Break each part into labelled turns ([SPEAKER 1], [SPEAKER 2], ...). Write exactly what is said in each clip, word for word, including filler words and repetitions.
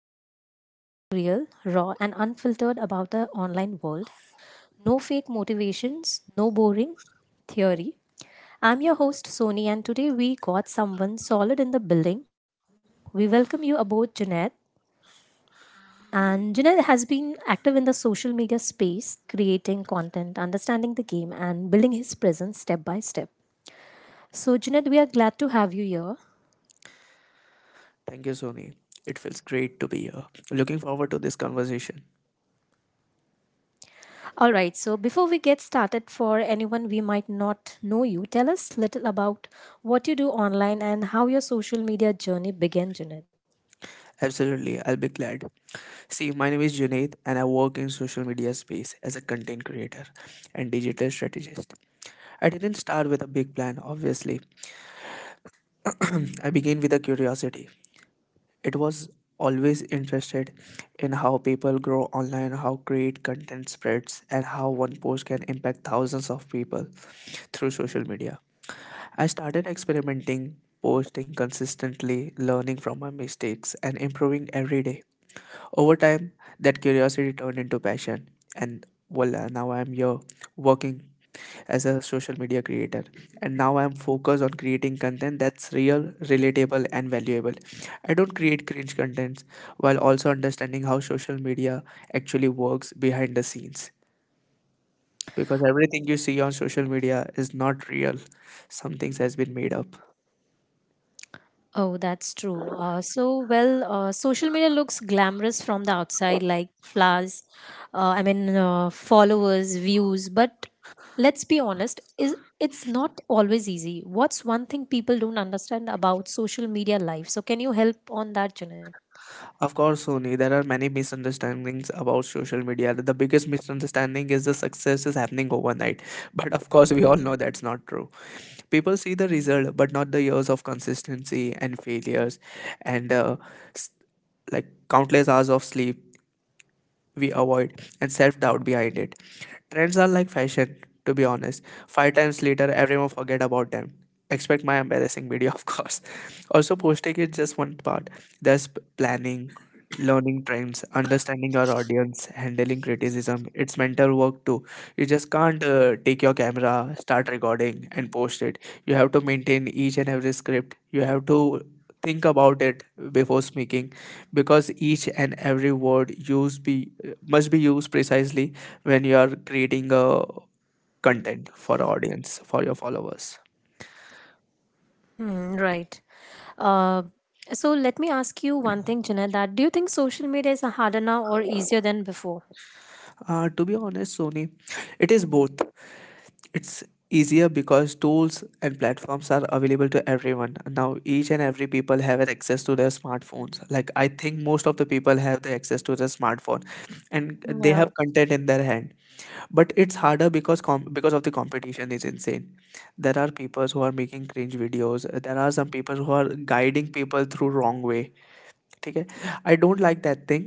[SPEAKER 1] where we talk real, raw, and unfiltered about the online world. No fake motivations, no boring theory. I'm your host, Sony, and today we got someone solid in the building. We welcome you aboard, Jeanette. And Jeanette has been active in the social media space, creating content, understanding the game, and building his presence step by step. So, Jeanette, we are glad to have you here.
[SPEAKER 2] Thank you, Sony. It feels great to be here. Looking forward to this conversation.
[SPEAKER 1] All right, so before we get started, for anyone we might not know you, tell us little about what you do online and how your social media journey began, Junaid.
[SPEAKER 2] Absolutely, I'll be glad. See, my name is Junaid and I work in social media space as a content creator and digital strategist. I didn't start with a big plan, obviously. I began with a curiosity. It was always interested in how people grow online, how great content spreads, and how one post can impact thousands of people through social media. I started experimenting, posting consistently, learning from my mistakes, and improving every day. Over time, that curiosity turned into passion, and voila, now I am here working as a social media creator. And now I am focused on creating content that's real, relatable, and valuable. I don't create cringe contents while also understanding how social media actually works behind the scenes. Because everything you see on social media is not real. Some things has been made up.
[SPEAKER 1] Oh, that's true. Uh, so, well, uh, social media looks glamorous from the outside, like flowers, uh, I mean, uh, followers, views. But let's be honest, is it's not always easy. What's one thing people don't understand about social media life? So, can you help on that, Junaid?
[SPEAKER 2] Of course, Sony, there are many misunderstandings about social media. The biggest misunderstanding is the success is happening overnight. But of course, we all know that's not true. People see the result, but not the years of consistency and failures and uh, s- like countless hours of sleep we avoid and self doubt behind it. Trends are like fashion, to be honest. Five times later, everyone forget about them. Expect my embarrassing video, of course. Also, posting is just one part. There's p- planning, learning trends, understanding your audience, handling criticism. It's mental work too. You just can't uh, take your camera, start recording, and post it. You have to maintain each and every script. You have to think about it before speaking, because each and every word used be must be used precisely when you are creating a content for audience for your followers.
[SPEAKER 1] Hmm, right. Uh, so let me ask you one thing, Junaid, that do you think social media is harder now or easier than before?
[SPEAKER 2] Uh, to be honest, Sony, it is both. It's easier because tools and platforms are available to everyone now. Each and every people have an access to their smartphones. Like, I think most of the people have the access to their smartphone, and they
[SPEAKER 1] Yeah.
[SPEAKER 2] have content in their hand. But it's harder because com- because of the competition is insane. There are people who are making cringe videos. There are some people who are guiding people through wrong way. ठीक है, I don't like that thing,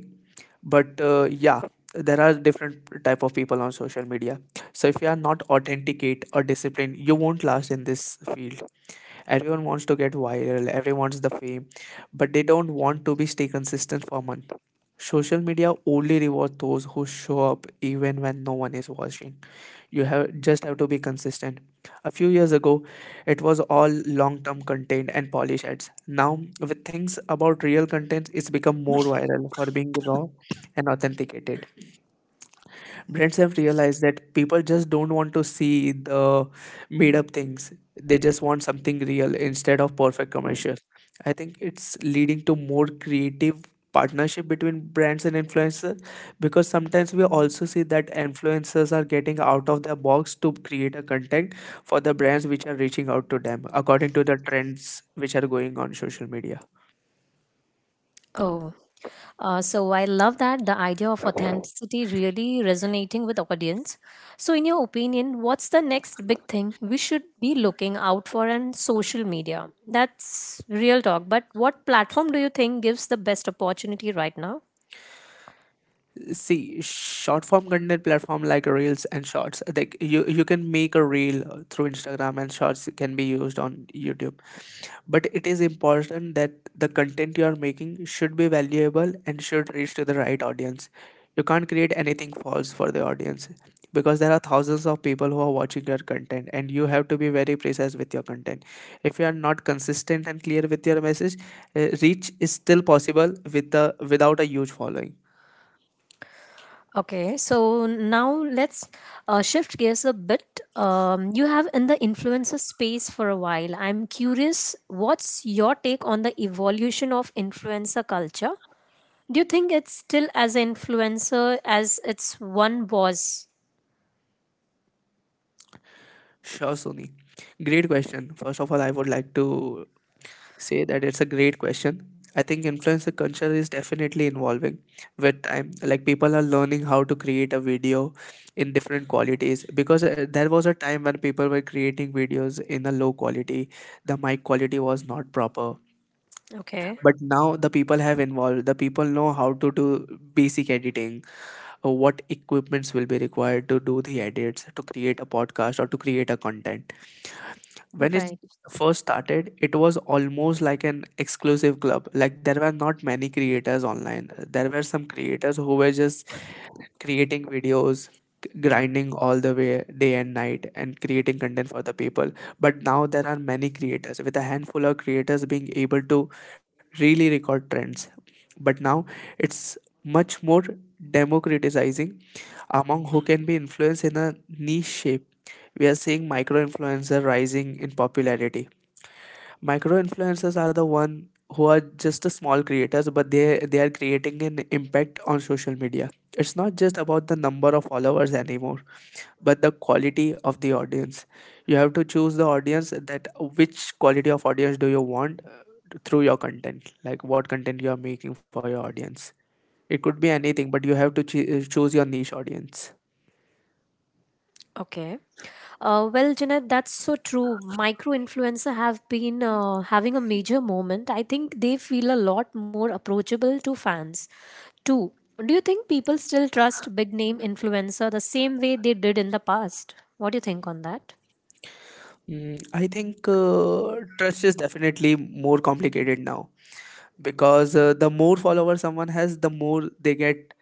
[SPEAKER 2] but yeah, there are different type of people on social media. So if you are not authenticate or disciplined, you won't last in this field. Everyone wants to get viral, everyone wants the fame, but they don't want to be stay consistent for month. Social media only rewards those who show up even when no one is watching. You have just have to be consistent. A few years ago, it was all long-term content and polish ads. Now, with things about real content, it's become more viral for being raw and authenticated. Brands have realized that people just don't want to see the made up things. They just want something real instead of perfect commercial. I think it's leading to more creative partnership between brands and influencers, because sometimes we also see that influencers are getting out of their box to create a content for the brands which are reaching out to them according to the trends which are going on social media.
[SPEAKER 1] Oh, uh, so I love that the idea of authenticity really resonating with audience. So, in your opinion, what's the next big thing we should be looking out for on social media? That's real talk. But what platform do you think gives the best opportunity right now?
[SPEAKER 2] See, short form content platform like reels and shorts. Like, you you can make a reel uh, through Instagram, and shorts can be used on YouTube. But it is important that the content you are making should be valuable and should reach to the right audience. You can't create anything false for the audience, because there are thousands of people who are watching your content, and you have to be very precise with your content. If you are not consistent and clear with your message, uh, reach is still possible with the without a huge following.
[SPEAKER 1] Okay, so now let's uh, shift gears a bit. Um, you have in the influencer space for a while. I'm curious, what's your take on the evolution of influencer culture? Do you think it's still as influencer as it's one boss?
[SPEAKER 2] Sure, Sony. Great question. First of all, I would like to say that it's a great question. I think influencer culture is definitely evolving with time. Like, people are learning how to create a video in different qualities, because uh, there was a time when people were creating videos in a low quality. The mic quality was not proper.
[SPEAKER 1] Okay,
[SPEAKER 2] But now the people have involved. The people know how to do basic editing, uh, what equipments will be required to do the edits, to create a podcast or to create a content. When it
[SPEAKER 1] right.
[SPEAKER 2] first started, it was almost like an exclusive club. Like, there were not many creators online. There were some creators who were just creating videos, g- grinding all the way day and night and creating content for the people. But now there are many creators with a handful of creators being able to really record trends. But now it's much more democratizing among who can be influenced in a niche shape. We are seeing micro influencer rising in popularity. Micro influencers are the one who are just a small creators, but they they are creating an impact on social media. It's not just about the number of followers anymore, but the quality of the audience. You have to choose the audience that which quality of audience do you want uh, through your content, like what content you are making for your audience. It could be anything, but you have to choo- uh, choose your niche audience.
[SPEAKER 1] Okay. Uh, well, Janet, that's so true. Micro influencer have been uh, having a major moment. I think they feel a lot more approachable to fans too. Do you think people still trust big name influencer the same way they did in the past? What do you think on that?
[SPEAKER 2] Mm, I think uh, trust is definitely more complicated now, because uh, the more followers someone has, the more they get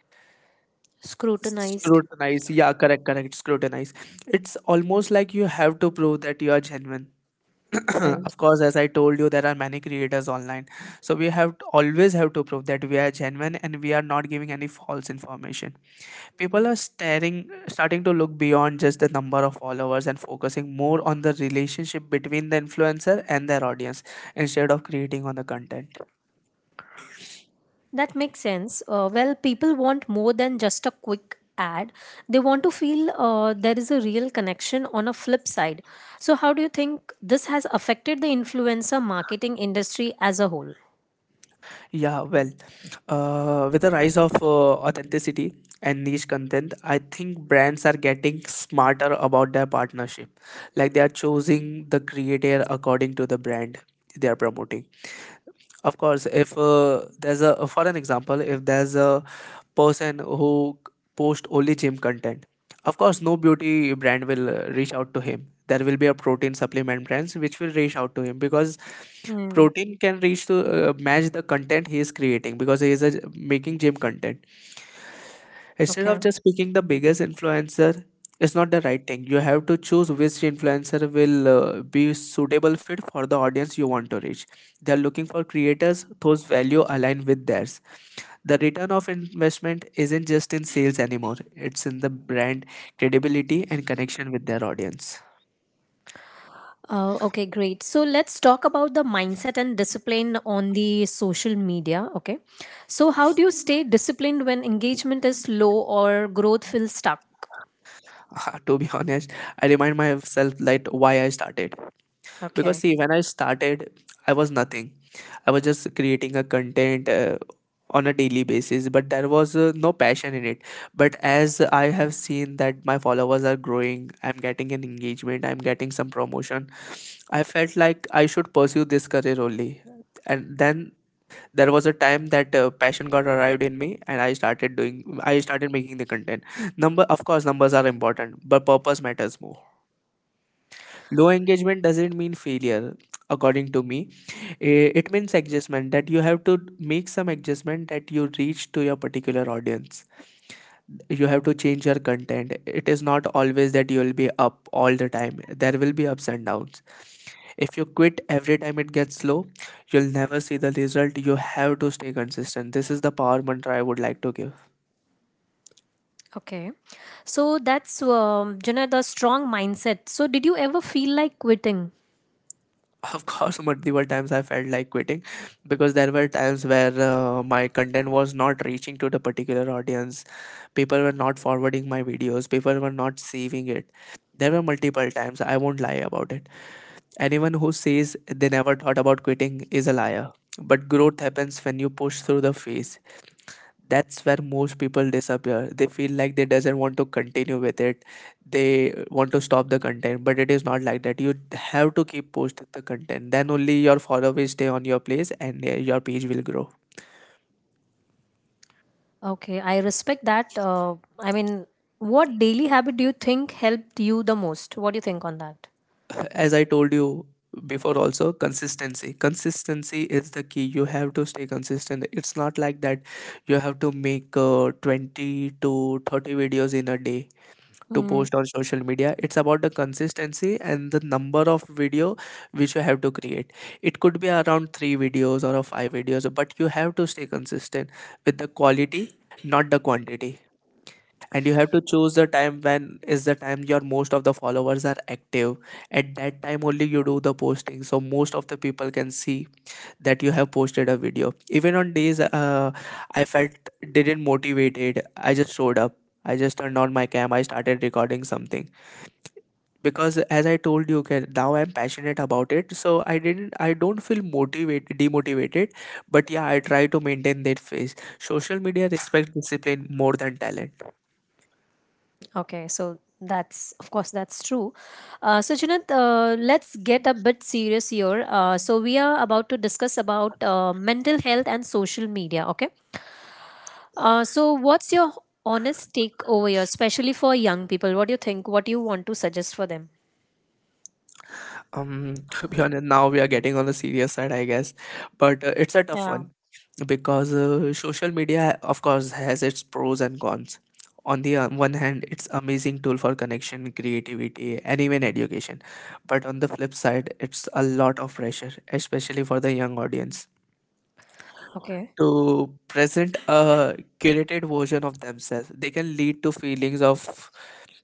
[SPEAKER 1] Scrutinized.
[SPEAKER 2] scrutinized. Yeah, correct, correct, scrutinized. It's almost like you have to prove that you are genuine. Of course, as I told you, there are many creators online, so we have to, always have to prove that we are genuine and we are not giving any false information. People are staring starting to look beyond just the number of followers and focusing more on the relationship between the influencer and their audience, instead of creating on the content.
[SPEAKER 1] That makes sense. Uh, well, people want more than just a quick ad. They want to feel uh, there is a real connection on a flip side. So, how do you think this has affected the influencer marketing industry as a whole?
[SPEAKER 2] Yeah, well, uh, with the rise of uh, authenticity and niche content, I think brands are getting smarter about their partnership. Like, they are choosing the creator according to the brand they are promoting. Of course, if uh, there's a, for an example, if there's a person who c- post only gym content. Of course, no beauty brand will uh, reach out to him. There will be a protein supplement brands which will reach out to him, because
[SPEAKER 1] Hmm.
[SPEAKER 2] protein can reach to uh, match the content he is creating, because he is a, making gym content. Instead of
[SPEAKER 1] Okay.
[SPEAKER 2] just picking the biggest influencer, it's not the right thing. You have to choose which influencer will uh, be suitable fit for the audience you want to reach. They are looking for creators whose value align with theirs. The return of investment isn't just in sales anymore, it's in the brand credibility and connection with their audience.
[SPEAKER 1] Uh, okay, great. So let's talk about the mindset and discipline on the social media. Okay. So, how do you stay disciplined when engagement is low or growth feels stuck?
[SPEAKER 2] To be honest, I remind myself like why I started. Because
[SPEAKER 1] Okay.
[SPEAKER 2] see, when I started, I was nothing. I was just creating a content uh, on a daily basis, but there was uh, no passion in it. But as I have seen that my followers are growing, I'm getting an engagement, I'm getting some promotion, I felt like I should pursue this career only. And then there was a time that uh, passion got arrived in me, and i started doing I started making the content. Number Of course, numbers are important, but purpose matters more. Low engagement doesn't mean failure. According to me, Eh, it means adjustment, that you have to make some adjustment that you reach to your particular audience. You have to change your content. It is not always that you will be up all the time, there will be ups and downs. If you quit every time it gets slow, you'll never see the result. You have to stay consistent. This is the power mantra I would like to give.
[SPEAKER 1] Okay. So that's, um, you the strong mindset. So did you ever feel like quitting?
[SPEAKER 2] Of course. But there were times I felt like quitting, because there were times where uh, my content was not reaching to the particular audience. People were not forwarding my videos, people were not saving it. There were multiple times, I won't lie about it. Anyone who says they never thought about quitting is a liar. But growth happens when you push through the phase. That's where most people disappear. They feel like they doesn't want to continue with it. They want to stop the content. But it is not like that. You have to keep posting the content, then only your follower will stay on your place, and uh, your page will grow.
[SPEAKER 1] Okay. I respect that. Uh, I mean, what daily habit do you think helped you the most? What do you think on that?
[SPEAKER 2] As I told you before, also, consistency, consistency is the key. You have to stay consistent. It's not like that you have to make uh, twenty to thirty videos in a day to post
[SPEAKER 1] Mm,
[SPEAKER 2] on social media. It's about the consistency and the number of video which you have to create. It could be around three videos or a five videos, but you have to stay consistent with the quality, not the quantity. And you have to choose the time when is the time your most of the followers are active. At that time only you do the posting, so most of the people can see that you have posted a video. Even on days, uh, I felt didn't motivated, I just showed up, I just turned on my cam, I started recording something. Because as I told you, okay, now I'm passionate about it, so i didn't I don't feel motivated demotivated. But yeah, I try to maintain that phase. Social media respect discipline more than talent.
[SPEAKER 1] okay, so that's of course that's true. Uh, so Junaid, uh, let's get a bit serious here. Uh, so we are about to discuss about uh, mental health and social media. Okay. Uh, so what's your honest take over here, especially for young people? What do you think? What do you want to suggest for them?
[SPEAKER 2] Um to be honest, now we are getting on the serious side, I guess, but uh, it's a tough
[SPEAKER 1] Yeah.
[SPEAKER 2] one. Because uh, social media of course has its pros and cons. On the uh, one hand, it's amazing tool for connection, creativity and even education, but on the flip side, it's a lot of pressure, especially for the young audience,
[SPEAKER 1] Okay.
[SPEAKER 2] to present a curated version of themselves. They can lead to feelings of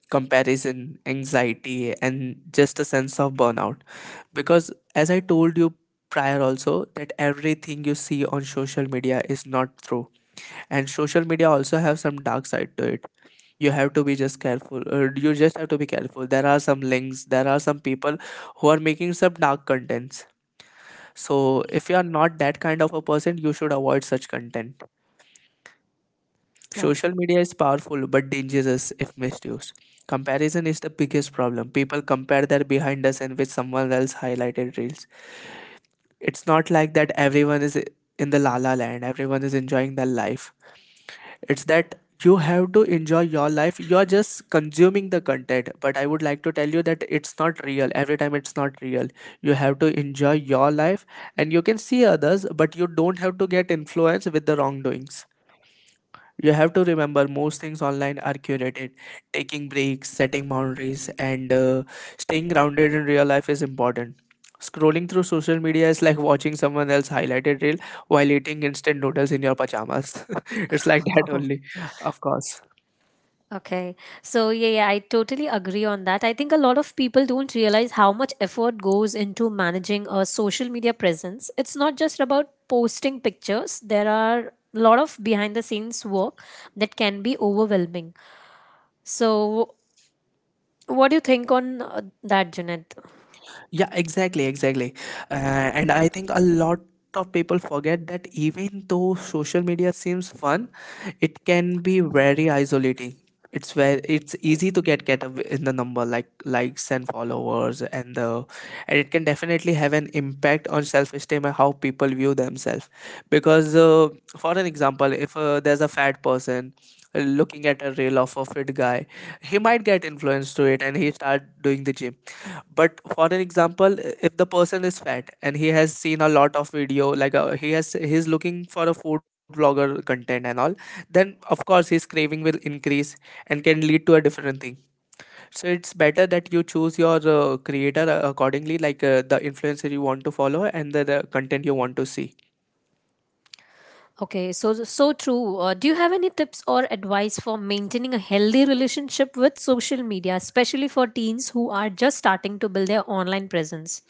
[SPEAKER 2] comparison, anxiety and just a sense of burnout. Because as I told you prior also, that everything you see on social media is not true. And social media also have some dark side to it. You have to be just careful or you just have to be careful. There are some links, there are some people who are making some dark contents. So if you are not that kind of a person, you should avoid such content.
[SPEAKER 1] Okay.
[SPEAKER 2] Social media is powerful but dangerous if misused. Comparison is the biggest problem. People compare their behind us and with someone else highlighted reels. It's not like that everyone is in the la la land, everyone is enjoying their life. It's that you have to enjoy your life. You're just consuming the content, but I would like to tell you that it's not real every time, it's not real. You have to enjoy your life, and you can see others, but you don't have to get influenced with the wrongdoings. You have to remember most things online are curated. Taking breaks, setting boundaries, and uh, staying grounded in real life is important. Scrolling through social media is like watching someone else highlighted reel while eating instant noodles in your pajamas. It's like that
[SPEAKER 1] Oh.
[SPEAKER 2] only, of course.
[SPEAKER 1] Okay. So yeah, yeah, I totally agree on that. I think a lot of people don't realize how much effort goes into managing a social media presence. It's not just about posting pictures. There are a lot of behind the scenes work that can be overwhelming. So what do you think on uh, that, Janet?
[SPEAKER 2] Yeah, exactly, exactly. Uh, and I think a lot of people forget that even though social media seems fun, it can be very isolating. It's where it's easy to get get away in the number like likes and followers and the and it can definitely have an impact on self esteem and how people view themselves. Because uh, for an example, if uh, there's a fat person uh, looking at a reel of a fit guy, he might get influenced to it and he start doing the gym. But for an example, if the person is fat and he has seen a lot of video, like uh, he has he's looking for a food vlogger content and all, then of course his craving will increase and can lead to a different thing. So it's better that you choose your uh, creator uh, accordingly, like uh, the influencer you want to follow and the, the content you want to see.
[SPEAKER 1] Okay, so so true. Uh, do you have any tips or advice for maintaining a healthy relationship with social media, especially for teens who are just starting to build their online presence?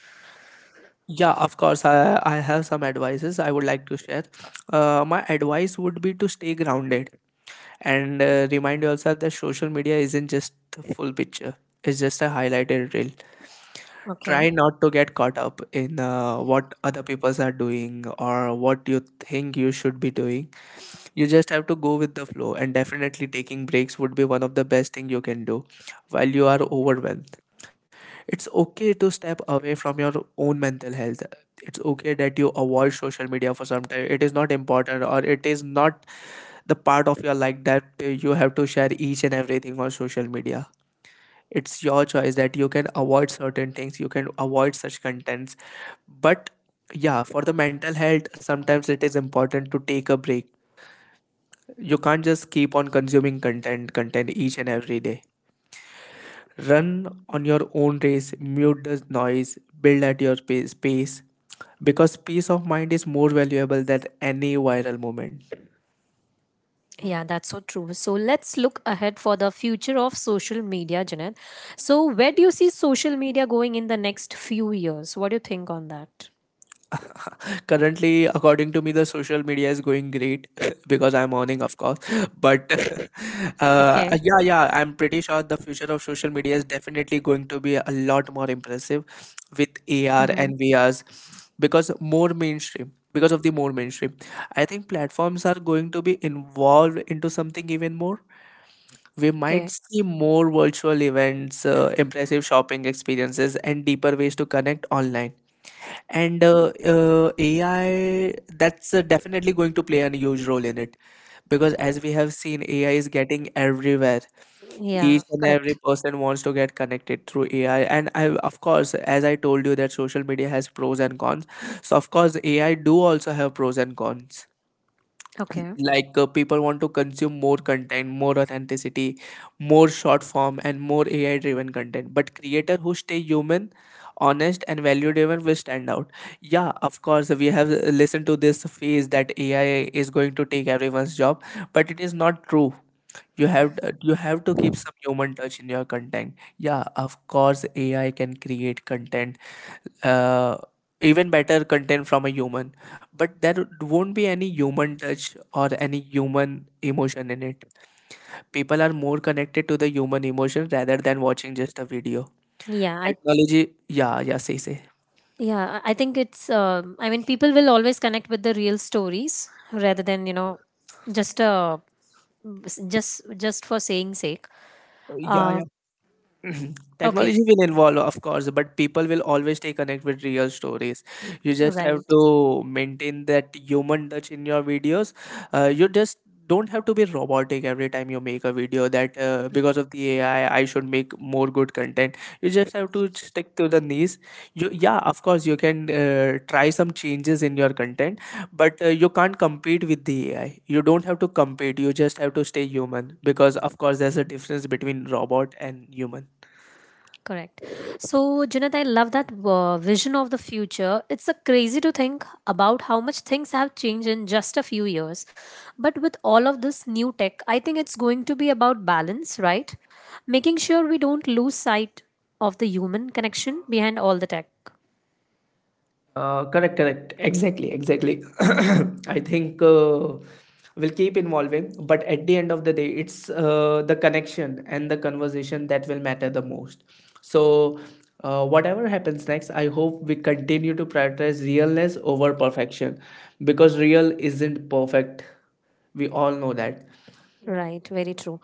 [SPEAKER 2] Yeah, of course, i, I have some advices I would like to share. Uh, my advice would be to stay grounded. And uh, remind yourself that social media isn't just the full picture, it's just a highlighted reel.
[SPEAKER 1] Okay.
[SPEAKER 2] Try not to get caught up in uh, what other people are doing or what you think you should be doing. You just have to go with the flow, and definitely taking breaks would be one of the best thing you can do while you are overwhelmed. It's okay to step away from your own mental health. It's okay that you avoid social media for some time. It is not important, or it is not the part of your life that uh, you have to share each and everything on social media. It's your choice that you can avoid certain things, you can avoid such contents. But yeah, for the mental health, sometimes it is important to take a break. You can't just keep on consuming content content each and every day. Run on your own race, mute the noise, build at your pace, pace because peace of mind is more valuable than any viral moment.
[SPEAKER 1] Yeah, that's so true. So let's look ahead for the future of social media, Janet. So where do you see social media going in the next few years? What do you think on that?
[SPEAKER 2] Currently, according to me, the social media is going great because I'm earning, of course. But uh,
[SPEAKER 1] Okay.
[SPEAKER 2] yeah, yeah, I'm pretty sure the future of social media is definitely going to be a lot more impressive with A R
[SPEAKER 1] Mm-hmm.
[SPEAKER 2] and V Rs because more mainstream. Because of the more mainstream, I think platforms are going to be involved into something even more. We might
[SPEAKER 1] Okay.
[SPEAKER 2] see more virtual events, uh, impressive shopping experiences, and deeper ways to connect online. And uh, uh, A I, that's uh, definitely going to play a huge role in it, because as we have seen, A I is getting everywhere.
[SPEAKER 1] Yeah,
[SPEAKER 2] Each and every
[SPEAKER 1] correct.
[SPEAKER 2] person wants to get connected through A I. And I, of course, as I told you, that social media has pros and cons. So of course, A I do also have pros and cons.
[SPEAKER 1] Okay.
[SPEAKER 2] Like uh, people want to consume more content, more authenticity, more short form and more ai driven content, but creator who stay human, honest and value driven will stand out. Yeah, of course, we have uh, listened to this phase that ai is going to take everyone's job, but it is not true. You have uh, you have to keep some human touch in your content. Yeah, of course, ai can create content, uh, even better content from a human, but there won't be any human touch or any human emotion in it. People are more connected to the human emotion rather than watching just a video
[SPEAKER 1] Yeah, I
[SPEAKER 2] technology. Yeah, yeah, say say
[SPEAKER 1] Yeah, I I think it's. um I mean, people will always connect with the real stories rather than you know, just uh, s- just just for saying sake.
[SPEAKER 2] Yeah, yeah.
[SPEAKER 1] Um,
[SPEAKER 2] Mhm.
[SPEAKER 1] okay,
[SPEAKER 2] Technology will involve, of course, but people will always stay connected with real stories. You
[SPEAKER 1] right,
[SPEAKER 2] just have to maintain that human touch in your videos. Uh, you just don't have to be robotic every time you make a video that uh, because of the AI I should make more good content. You just have to stick to the niche. You, yeah, of course, you can uh, try some changes in your content, but uh, you can't compete with the A I. You don't have to compete. You just have to stay human because, of course, there's a difference between robot and human.
[SPEAKER 1] correct. So, Junaid, I love that uh, vision of the future. It's a crazy to think about how much things have changed in just a few years, but with all of this new tech, I think it's going to be about balance, right? Making sure we don't lose sight of the human connection behind all the tech.
[SPEAKER 2] Uh, correct, correct. Exactly, exactly. I think uh, we'll keep involving, but at the end of the day, it's uh, the connection and the conversation that will matter the most. So, uh, whatever happens next, I hope we continue to prioritize realness over perfection, because real isn't perfect. We all know that.
[SPEAKER 1] Right, very true.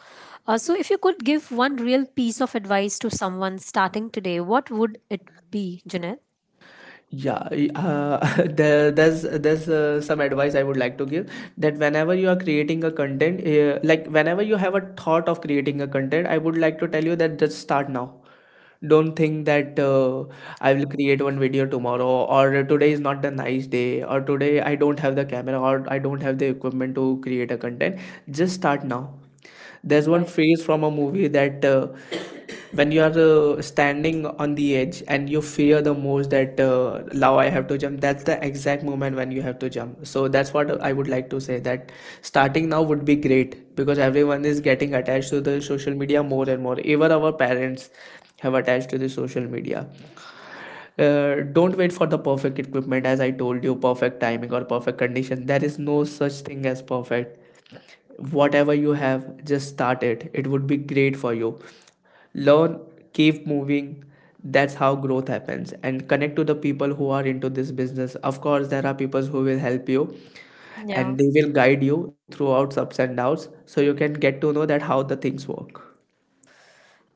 [SPEAKER 1] Uh, so, if you could give one real piece of advice to someone starting today, what would it be, Jeanette?
[SPEAKER 2] Yeah, y- uh, there, there's there's uh, some advice I would like to give, that whenever you are creating a content, uh, like whenever you have a thought of creating a content, I would like to tell you that just start now. Don't think that uh, I will create one video tomorrow, or today is not the nice day, or today I don't have the camera or I don't have the equipment to create a content. Just start now. There's one
[SPEAKER 1] Right.
[SPEAKER 2] phrase from a movie that uh, when you are uh, standing on the edge and you fear the most that uh, now I have to jump, that's the exact moment when you have to jump. So that's what I would like to say, that starting now would be great, because everyone is getting attached to the social media more and more, even our parents have attached to the social media. Uh, don't wait for the perfect equipment, as I told you, perfect timing or perfect condition. There is no such thing as perfect. Whatever you have, just start it, it would be great for you. Learn, keep moving. That's how growth happens. And connect to the people who are into this business. Of course, there are people who will help you,
[SPEAKER 1] Yeah.
[SPEAKER 2] and they will guide you throughout ups and downs, so you can get to know that how the things work.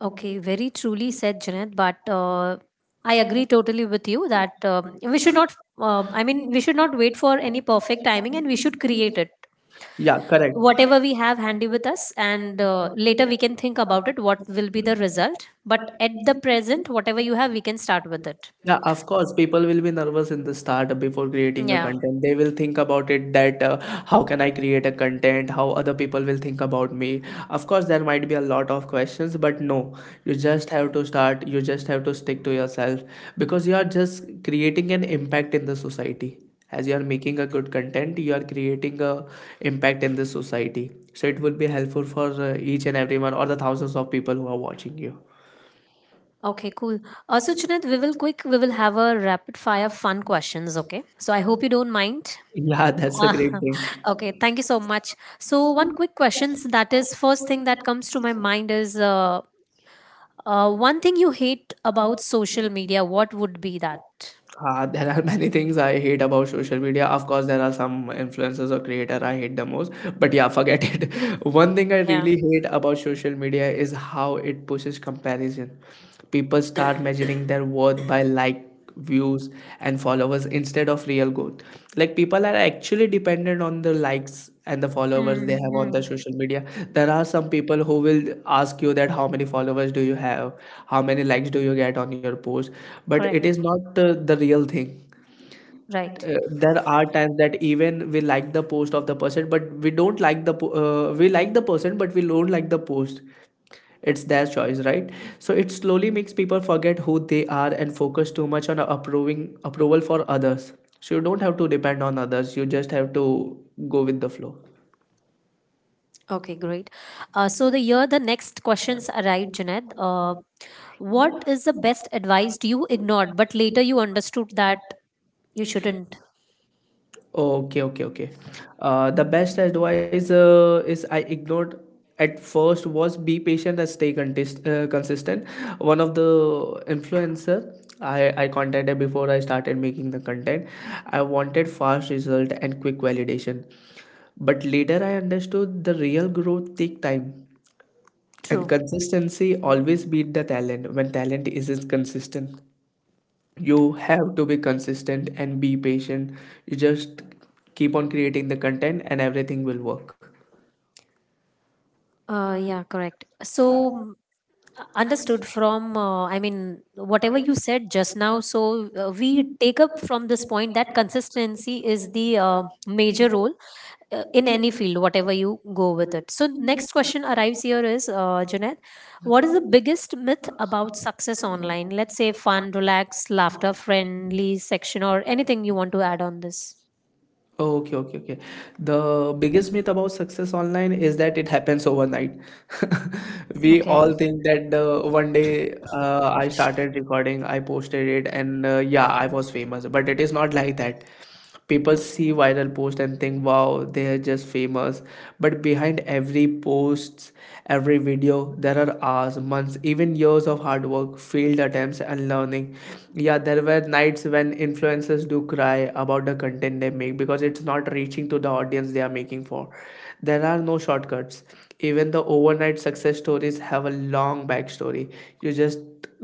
[SPEAKER 1] Okay, very truly said, Jeanette. But uh, I agree totally with you that um we should not, uh, I mean, we should not wait for any perfect timing and we should create it.
[SPEAKER 2] Yeah, correct.
[SPEAKER 1] Whatever we have handy with us, and uh, later we can think about it, what will be the result. But at the present, whatever you have, we can start with it.
[SPEAKER 2] Yeah, of course, people will be nervous in the start before creating a
[SPEAKER 1] Yeah.
[SPEAKER 2] content. They will think about it that uh, how can I create a content, how other people will think about me. Of course, there might be a lot of questions, but no, you just have to start, you just have to stick to yourself, because you are just creating an impact in the society. As you are making a good content, you are creating a impact in the society. So it will be helpful for uh, each and everyone or the thousands of people who are watching you.
[SPEAKER 1] Okay, cool. Uh, so Junaid, we will quick, we will have a rapid fire fun questions. Okay. So I hope you don't mind.
[SPEAKER 2] Yeah, that's a
[SPEAKER 1] Ah,
[SPEAKER 2] great thing.
[SPEAKER 1] okay. Thank you so much. So one quick questions that is first thing that comes to my mind is uh, uh, one thing you hate about social media. What would be that?
[SPEAKER 2] Uh, there are many things I hate about social media. Of course, there are some influencers or creator I hate the most. But yeah, forget it. One thing I
[SPEAKER 1] Yeah.
[SPEAKER 2] really hate about social media is how it pushes comparison. People start measuring their worth by like, views, and followers instead of real growth. Like people are actually dependent on the likes and the followers they have on
[SPEAKER 1] Mm-hmm.
[SPEAKER 2] the social media. There are some people who will ask you that how many followers do you have, how many likes do you get on your post, but it is
[SPEAKER 1] Correct.
[SPEAKER 2] not uh, the real thing.
[SPEAKER 1] Right.
[SPEAKER 2] Uh, there are times that even we like the post of the person, but we don't like the po- uh, we like the person, but we don't like the post, it's their choice, right? So it slowly makes people forget who they are and focus too much on approving approval for others. So you don't have to depend on others, you just have to go with the flow.
[SPEAKER 1] Okay, great. Uh, so the year the next questions arrived, Junaid. Uh, what is the best advice you ignored, but later you understood that you shouldn't?
[SPEAKER 2] Okay okay okay uh, The best advice uh, is I ignored at first was be patient and stay contist- uh, consistent. One of the influencer I, I contacted before I started making the content, I wanted fast result and quick validation. But later I understood the real growth take time, and
[SPEAKER 1] True.
[SPEAKER 2] consistency always beat the talent when talent isn't consistent. You have to be consistent and be patient. You just keep on creating the content and everything will work.
[SPEAKER 1] Uh, yeah, correct. So, mm, uh, understood from, uh, I mean, whatever you said just now. So, uh, we take up from this point that consistency is the uh, major role uh, in any field, whatever you go with it. So, next question arrives here is, uh, Junaid, what is the biggest myth about success online? Let's say fun, relax, laughter, friendly section, or anything you want to add on this.
[SPEAKER 2] Okay, okay, okay. The biggest myth about success online is that it happens overnight. We
[SPEAKER 1] Okay.
[SPEAKER 2] all think that uh, one day uh, I started recording, I posted it, and uh, yeah, I was famous. But it is not like that. People see viral post and think wow they are just famous, but behind every posts, every video there are hours, months, even years of hard work, failed attempts and learning. Yeah, there were nights when influencers do cry about the content they make because it's not reaching to the audience they are making for. There are no shortcuts. Even the overnight success stories have a long backstory, you just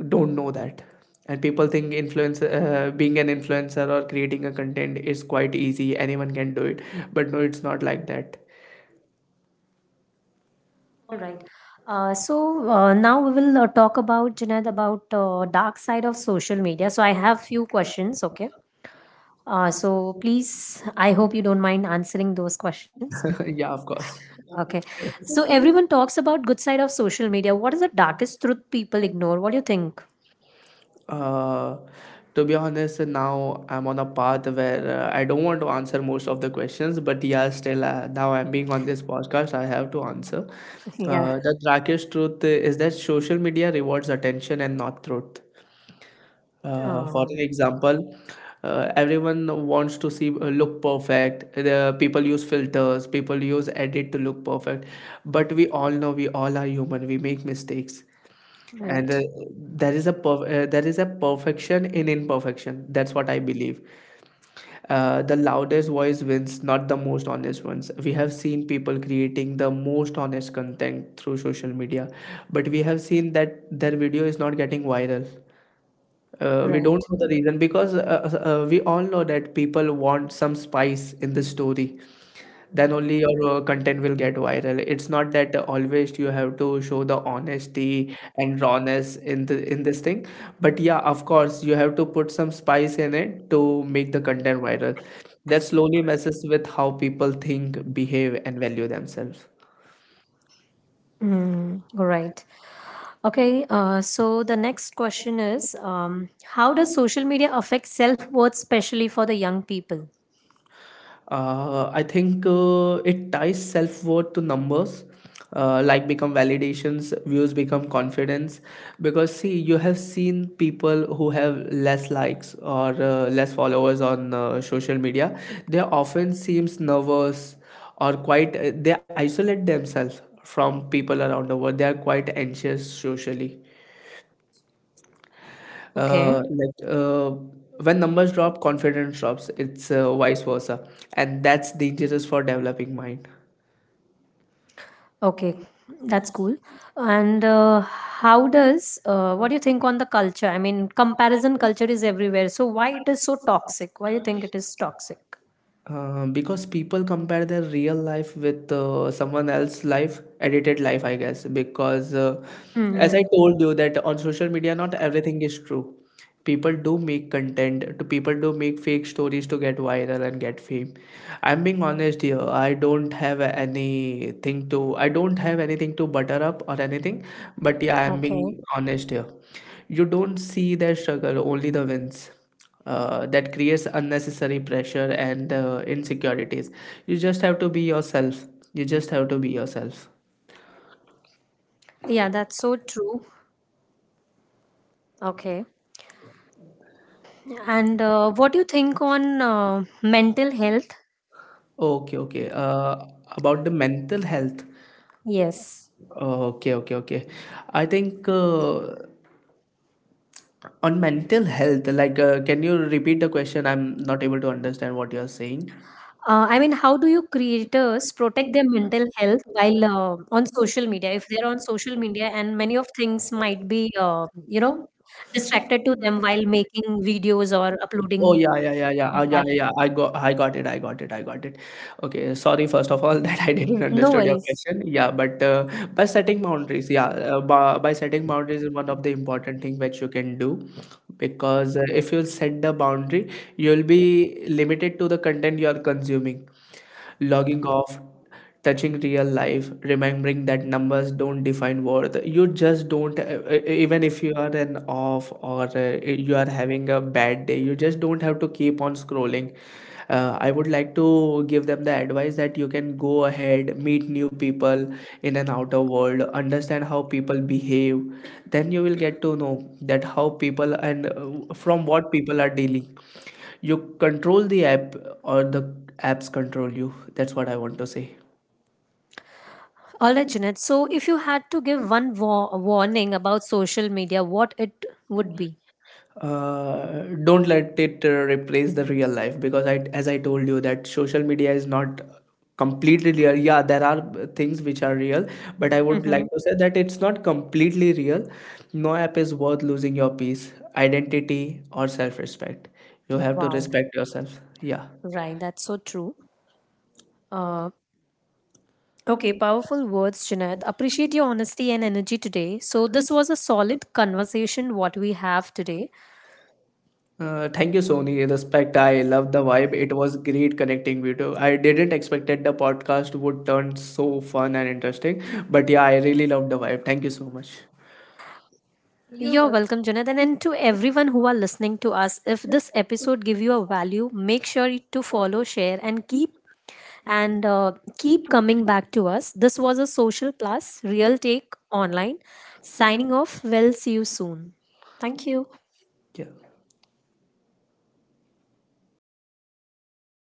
[SPEAKER 2] don't know that. And people think influence uh, being an influencer or creating a content is quite easy, anyone can do it. But no, it's not like that.
[SPEAKER 1] All right. Uh, so uh, now we will uh, talk about Junaid about uh, dark side of social media. So I have few questions. Okay. Uh, so please, I hope you don't mind answering those questions.
[SPEAKER 2] Yeah, of course.
[SPEAKER 1] Okay. So everyone talks about good side of social media. What is the darkest truth people ignore? What do you think?
[SPEAKER 2] uh, to be honest, now I'm on a path where uh, I don't want to answer most of the questions, but yeah, still uh, now I'm being on this podcast, I have to answer.
[SPEAKER 1] yeah.
[SPEAKER 2] Uh, the darkest truth is that social media rewards attention and not truth. Uh, for
[SPEAKER 1] Oh,
[SPEAKER 2] an example, uh, everyone wants to see uh, look perfect. The people use filters, people use edit to look perfect. But we all know we all are human. We make mistakes, and uh,
[SPEAKER 1] right.
[SPEAKER 2] there is a perf- uh, there is a perfection in imperfection. That's what I believe. Uh, the loudest voice wins, not the most honest ones. We have seen people creating the most honest content through social media, but we have seen that their video is not getting viral. Uh, we
[SPEAKER 1] Right.
[SPEAKER 2] don't know the reason because uh, uh, uh, we all know that people want some spice in the story. Then only your uh, content will get viral. It's not that always you have to show the honesty and rawness in the in this thing. But yeah, of course, you have to put some spice in it to make the content viral. That slowly messes with how people think, behave, and value themselves.
[SPEAKER 1] Mm, right. Okay. Uh, so the next question is, um, how does social media affect self worth, especially for the young people?
[SPEAKER 2] Uh, I think uh, it ties self worth to numbers. Uh, like become validations, views become confidence. Because see, you have seen people who have less likes or uh, less followers on uh, social media. They often seems nervous or quite. uh, They isolate themselves from people around the world. They are quite anxious socially.
[SPEAKER 1] Okay.
[SPEAKER 2] Uh, like uh, when numbers drop, confidence drops. It's uh, vice versa, and that's dangerous for developing mind.
[SPEAKER 1] Okay, that's cool. And uh, how does uh, what do you think on the culture? I mean, comparison culture is everywhere. So why it is so toxic? Why you think it is toxic?
[SPEAKER 2] Uh, because people compare their real life with uh, someone else's life, edited life, I guess. Because, uh, as
[SPEAKER 1] Hmm.
[SPEAKER 2] I told you, that on social media, not everything is true. People do make content, to people do make fake stories to get viral and get fame. I'm being honest here. I don't have anything to, I don't have anything to butter up or anything. But yeah, I'm
[SPEAKER 1] Okay.
[SPEAKER 2] being honest here. You don't see their struggle, only the wins. Uh, that creates unnecessary pressure and uh, insecurities. You just have to be yourself. You just have to be yourself.
[SPEAKER 1] Yeah, that's so true. Okay. And uh, what do you think on uh, mental health?
[SPEAKER 2] Okay, okay. Uh, about the mental health.
[SPEAKER 1] Yes.
[SPEAKER 2] Okay, okay, okay. I think uh, on mental health, like, uh, can you repeat the question? I'm not able to understand what you're saying.
[SPEAKER 1] Uh, I mean, how do you creators protect their mental health while uh, on social media? If they're on social media and many of things might be, uh, you know, distracted to them while making videos or
[SPEAKER 2] Oh
[SPEAKER 1] uploading
[SPEAKER 2] yeah, yeah, yeah, yeah,
[SPEAKER 1] like
[SPEAKER 2] uh, yeah,
[SPEAKER 1] that.
[SPEAKER 2] yeah. I got, I got it, I got it, I got it. Okay, sorry first of all that I didn't
[SPEAKER 1] No
[SPEAKER 2] understood your
[SPEAKER 1] worries.
[SPEAKER 2] question. Yeah, but uh, by setting boundaries, yeah, uh, by, by setting boundaries is one of the important thing which you can do, because uh, if you set the boundary, you'll be limited to the content you are consuming. Logging off, touching real life, remembering that numbers don't define worth. You just don't uh, uh, even if you are an off or uh, you are having a bad day, you just don't have to keep on scrolling. uh, I would like to give them the advice that you can go ahead, meet new people in an outer world, understand how people behave, then you will get to know that how people and uh, from what people are dealing. You control the app, or the apps control you. That's what I want to say.
[SPEAKER 1] All right, Junaid. So, if you had to give one wa- warning about social media, what it would be?
[SPEAKER 2] Uh, don't let it uh, replace the real life, because I, as I told you, that social media is not completely real. Yeah, there are uh, things which are real, but I would
[SPEAKER 1] Mm-hmm.
[SPEAKER 2] like to say that it's not completely real. No app is worth losing your peace, identity, or self respect. You have to
[SPEAKER 1] Wow.
[SPEAKER 2] respect yourself. Yeah.
[SPEAKER 1] Right. That's so true. Uh, okay. Powerful words, Junaid. Appreciate your honesty and energy today. So, this was a solid conversation, what we have today.
[SPEAKER 2] Uh, thank you, Sony. Respect. I love the vibe. It was great connecting with you. I didn't expect that the podcast would turn so fun and interesting, but yeah, I really love the vibe. Thank you so much.
[SPEAKER 1] You're welcome, Jonathan, and to everyone who are listening to us. If this episode give you a value, make sure to follow, share, and keep and uh, keep coming back to us. This was a social plus real take online. Signing off. We'll see you soon. Thank you.
[SPEAKER 2] Yeah.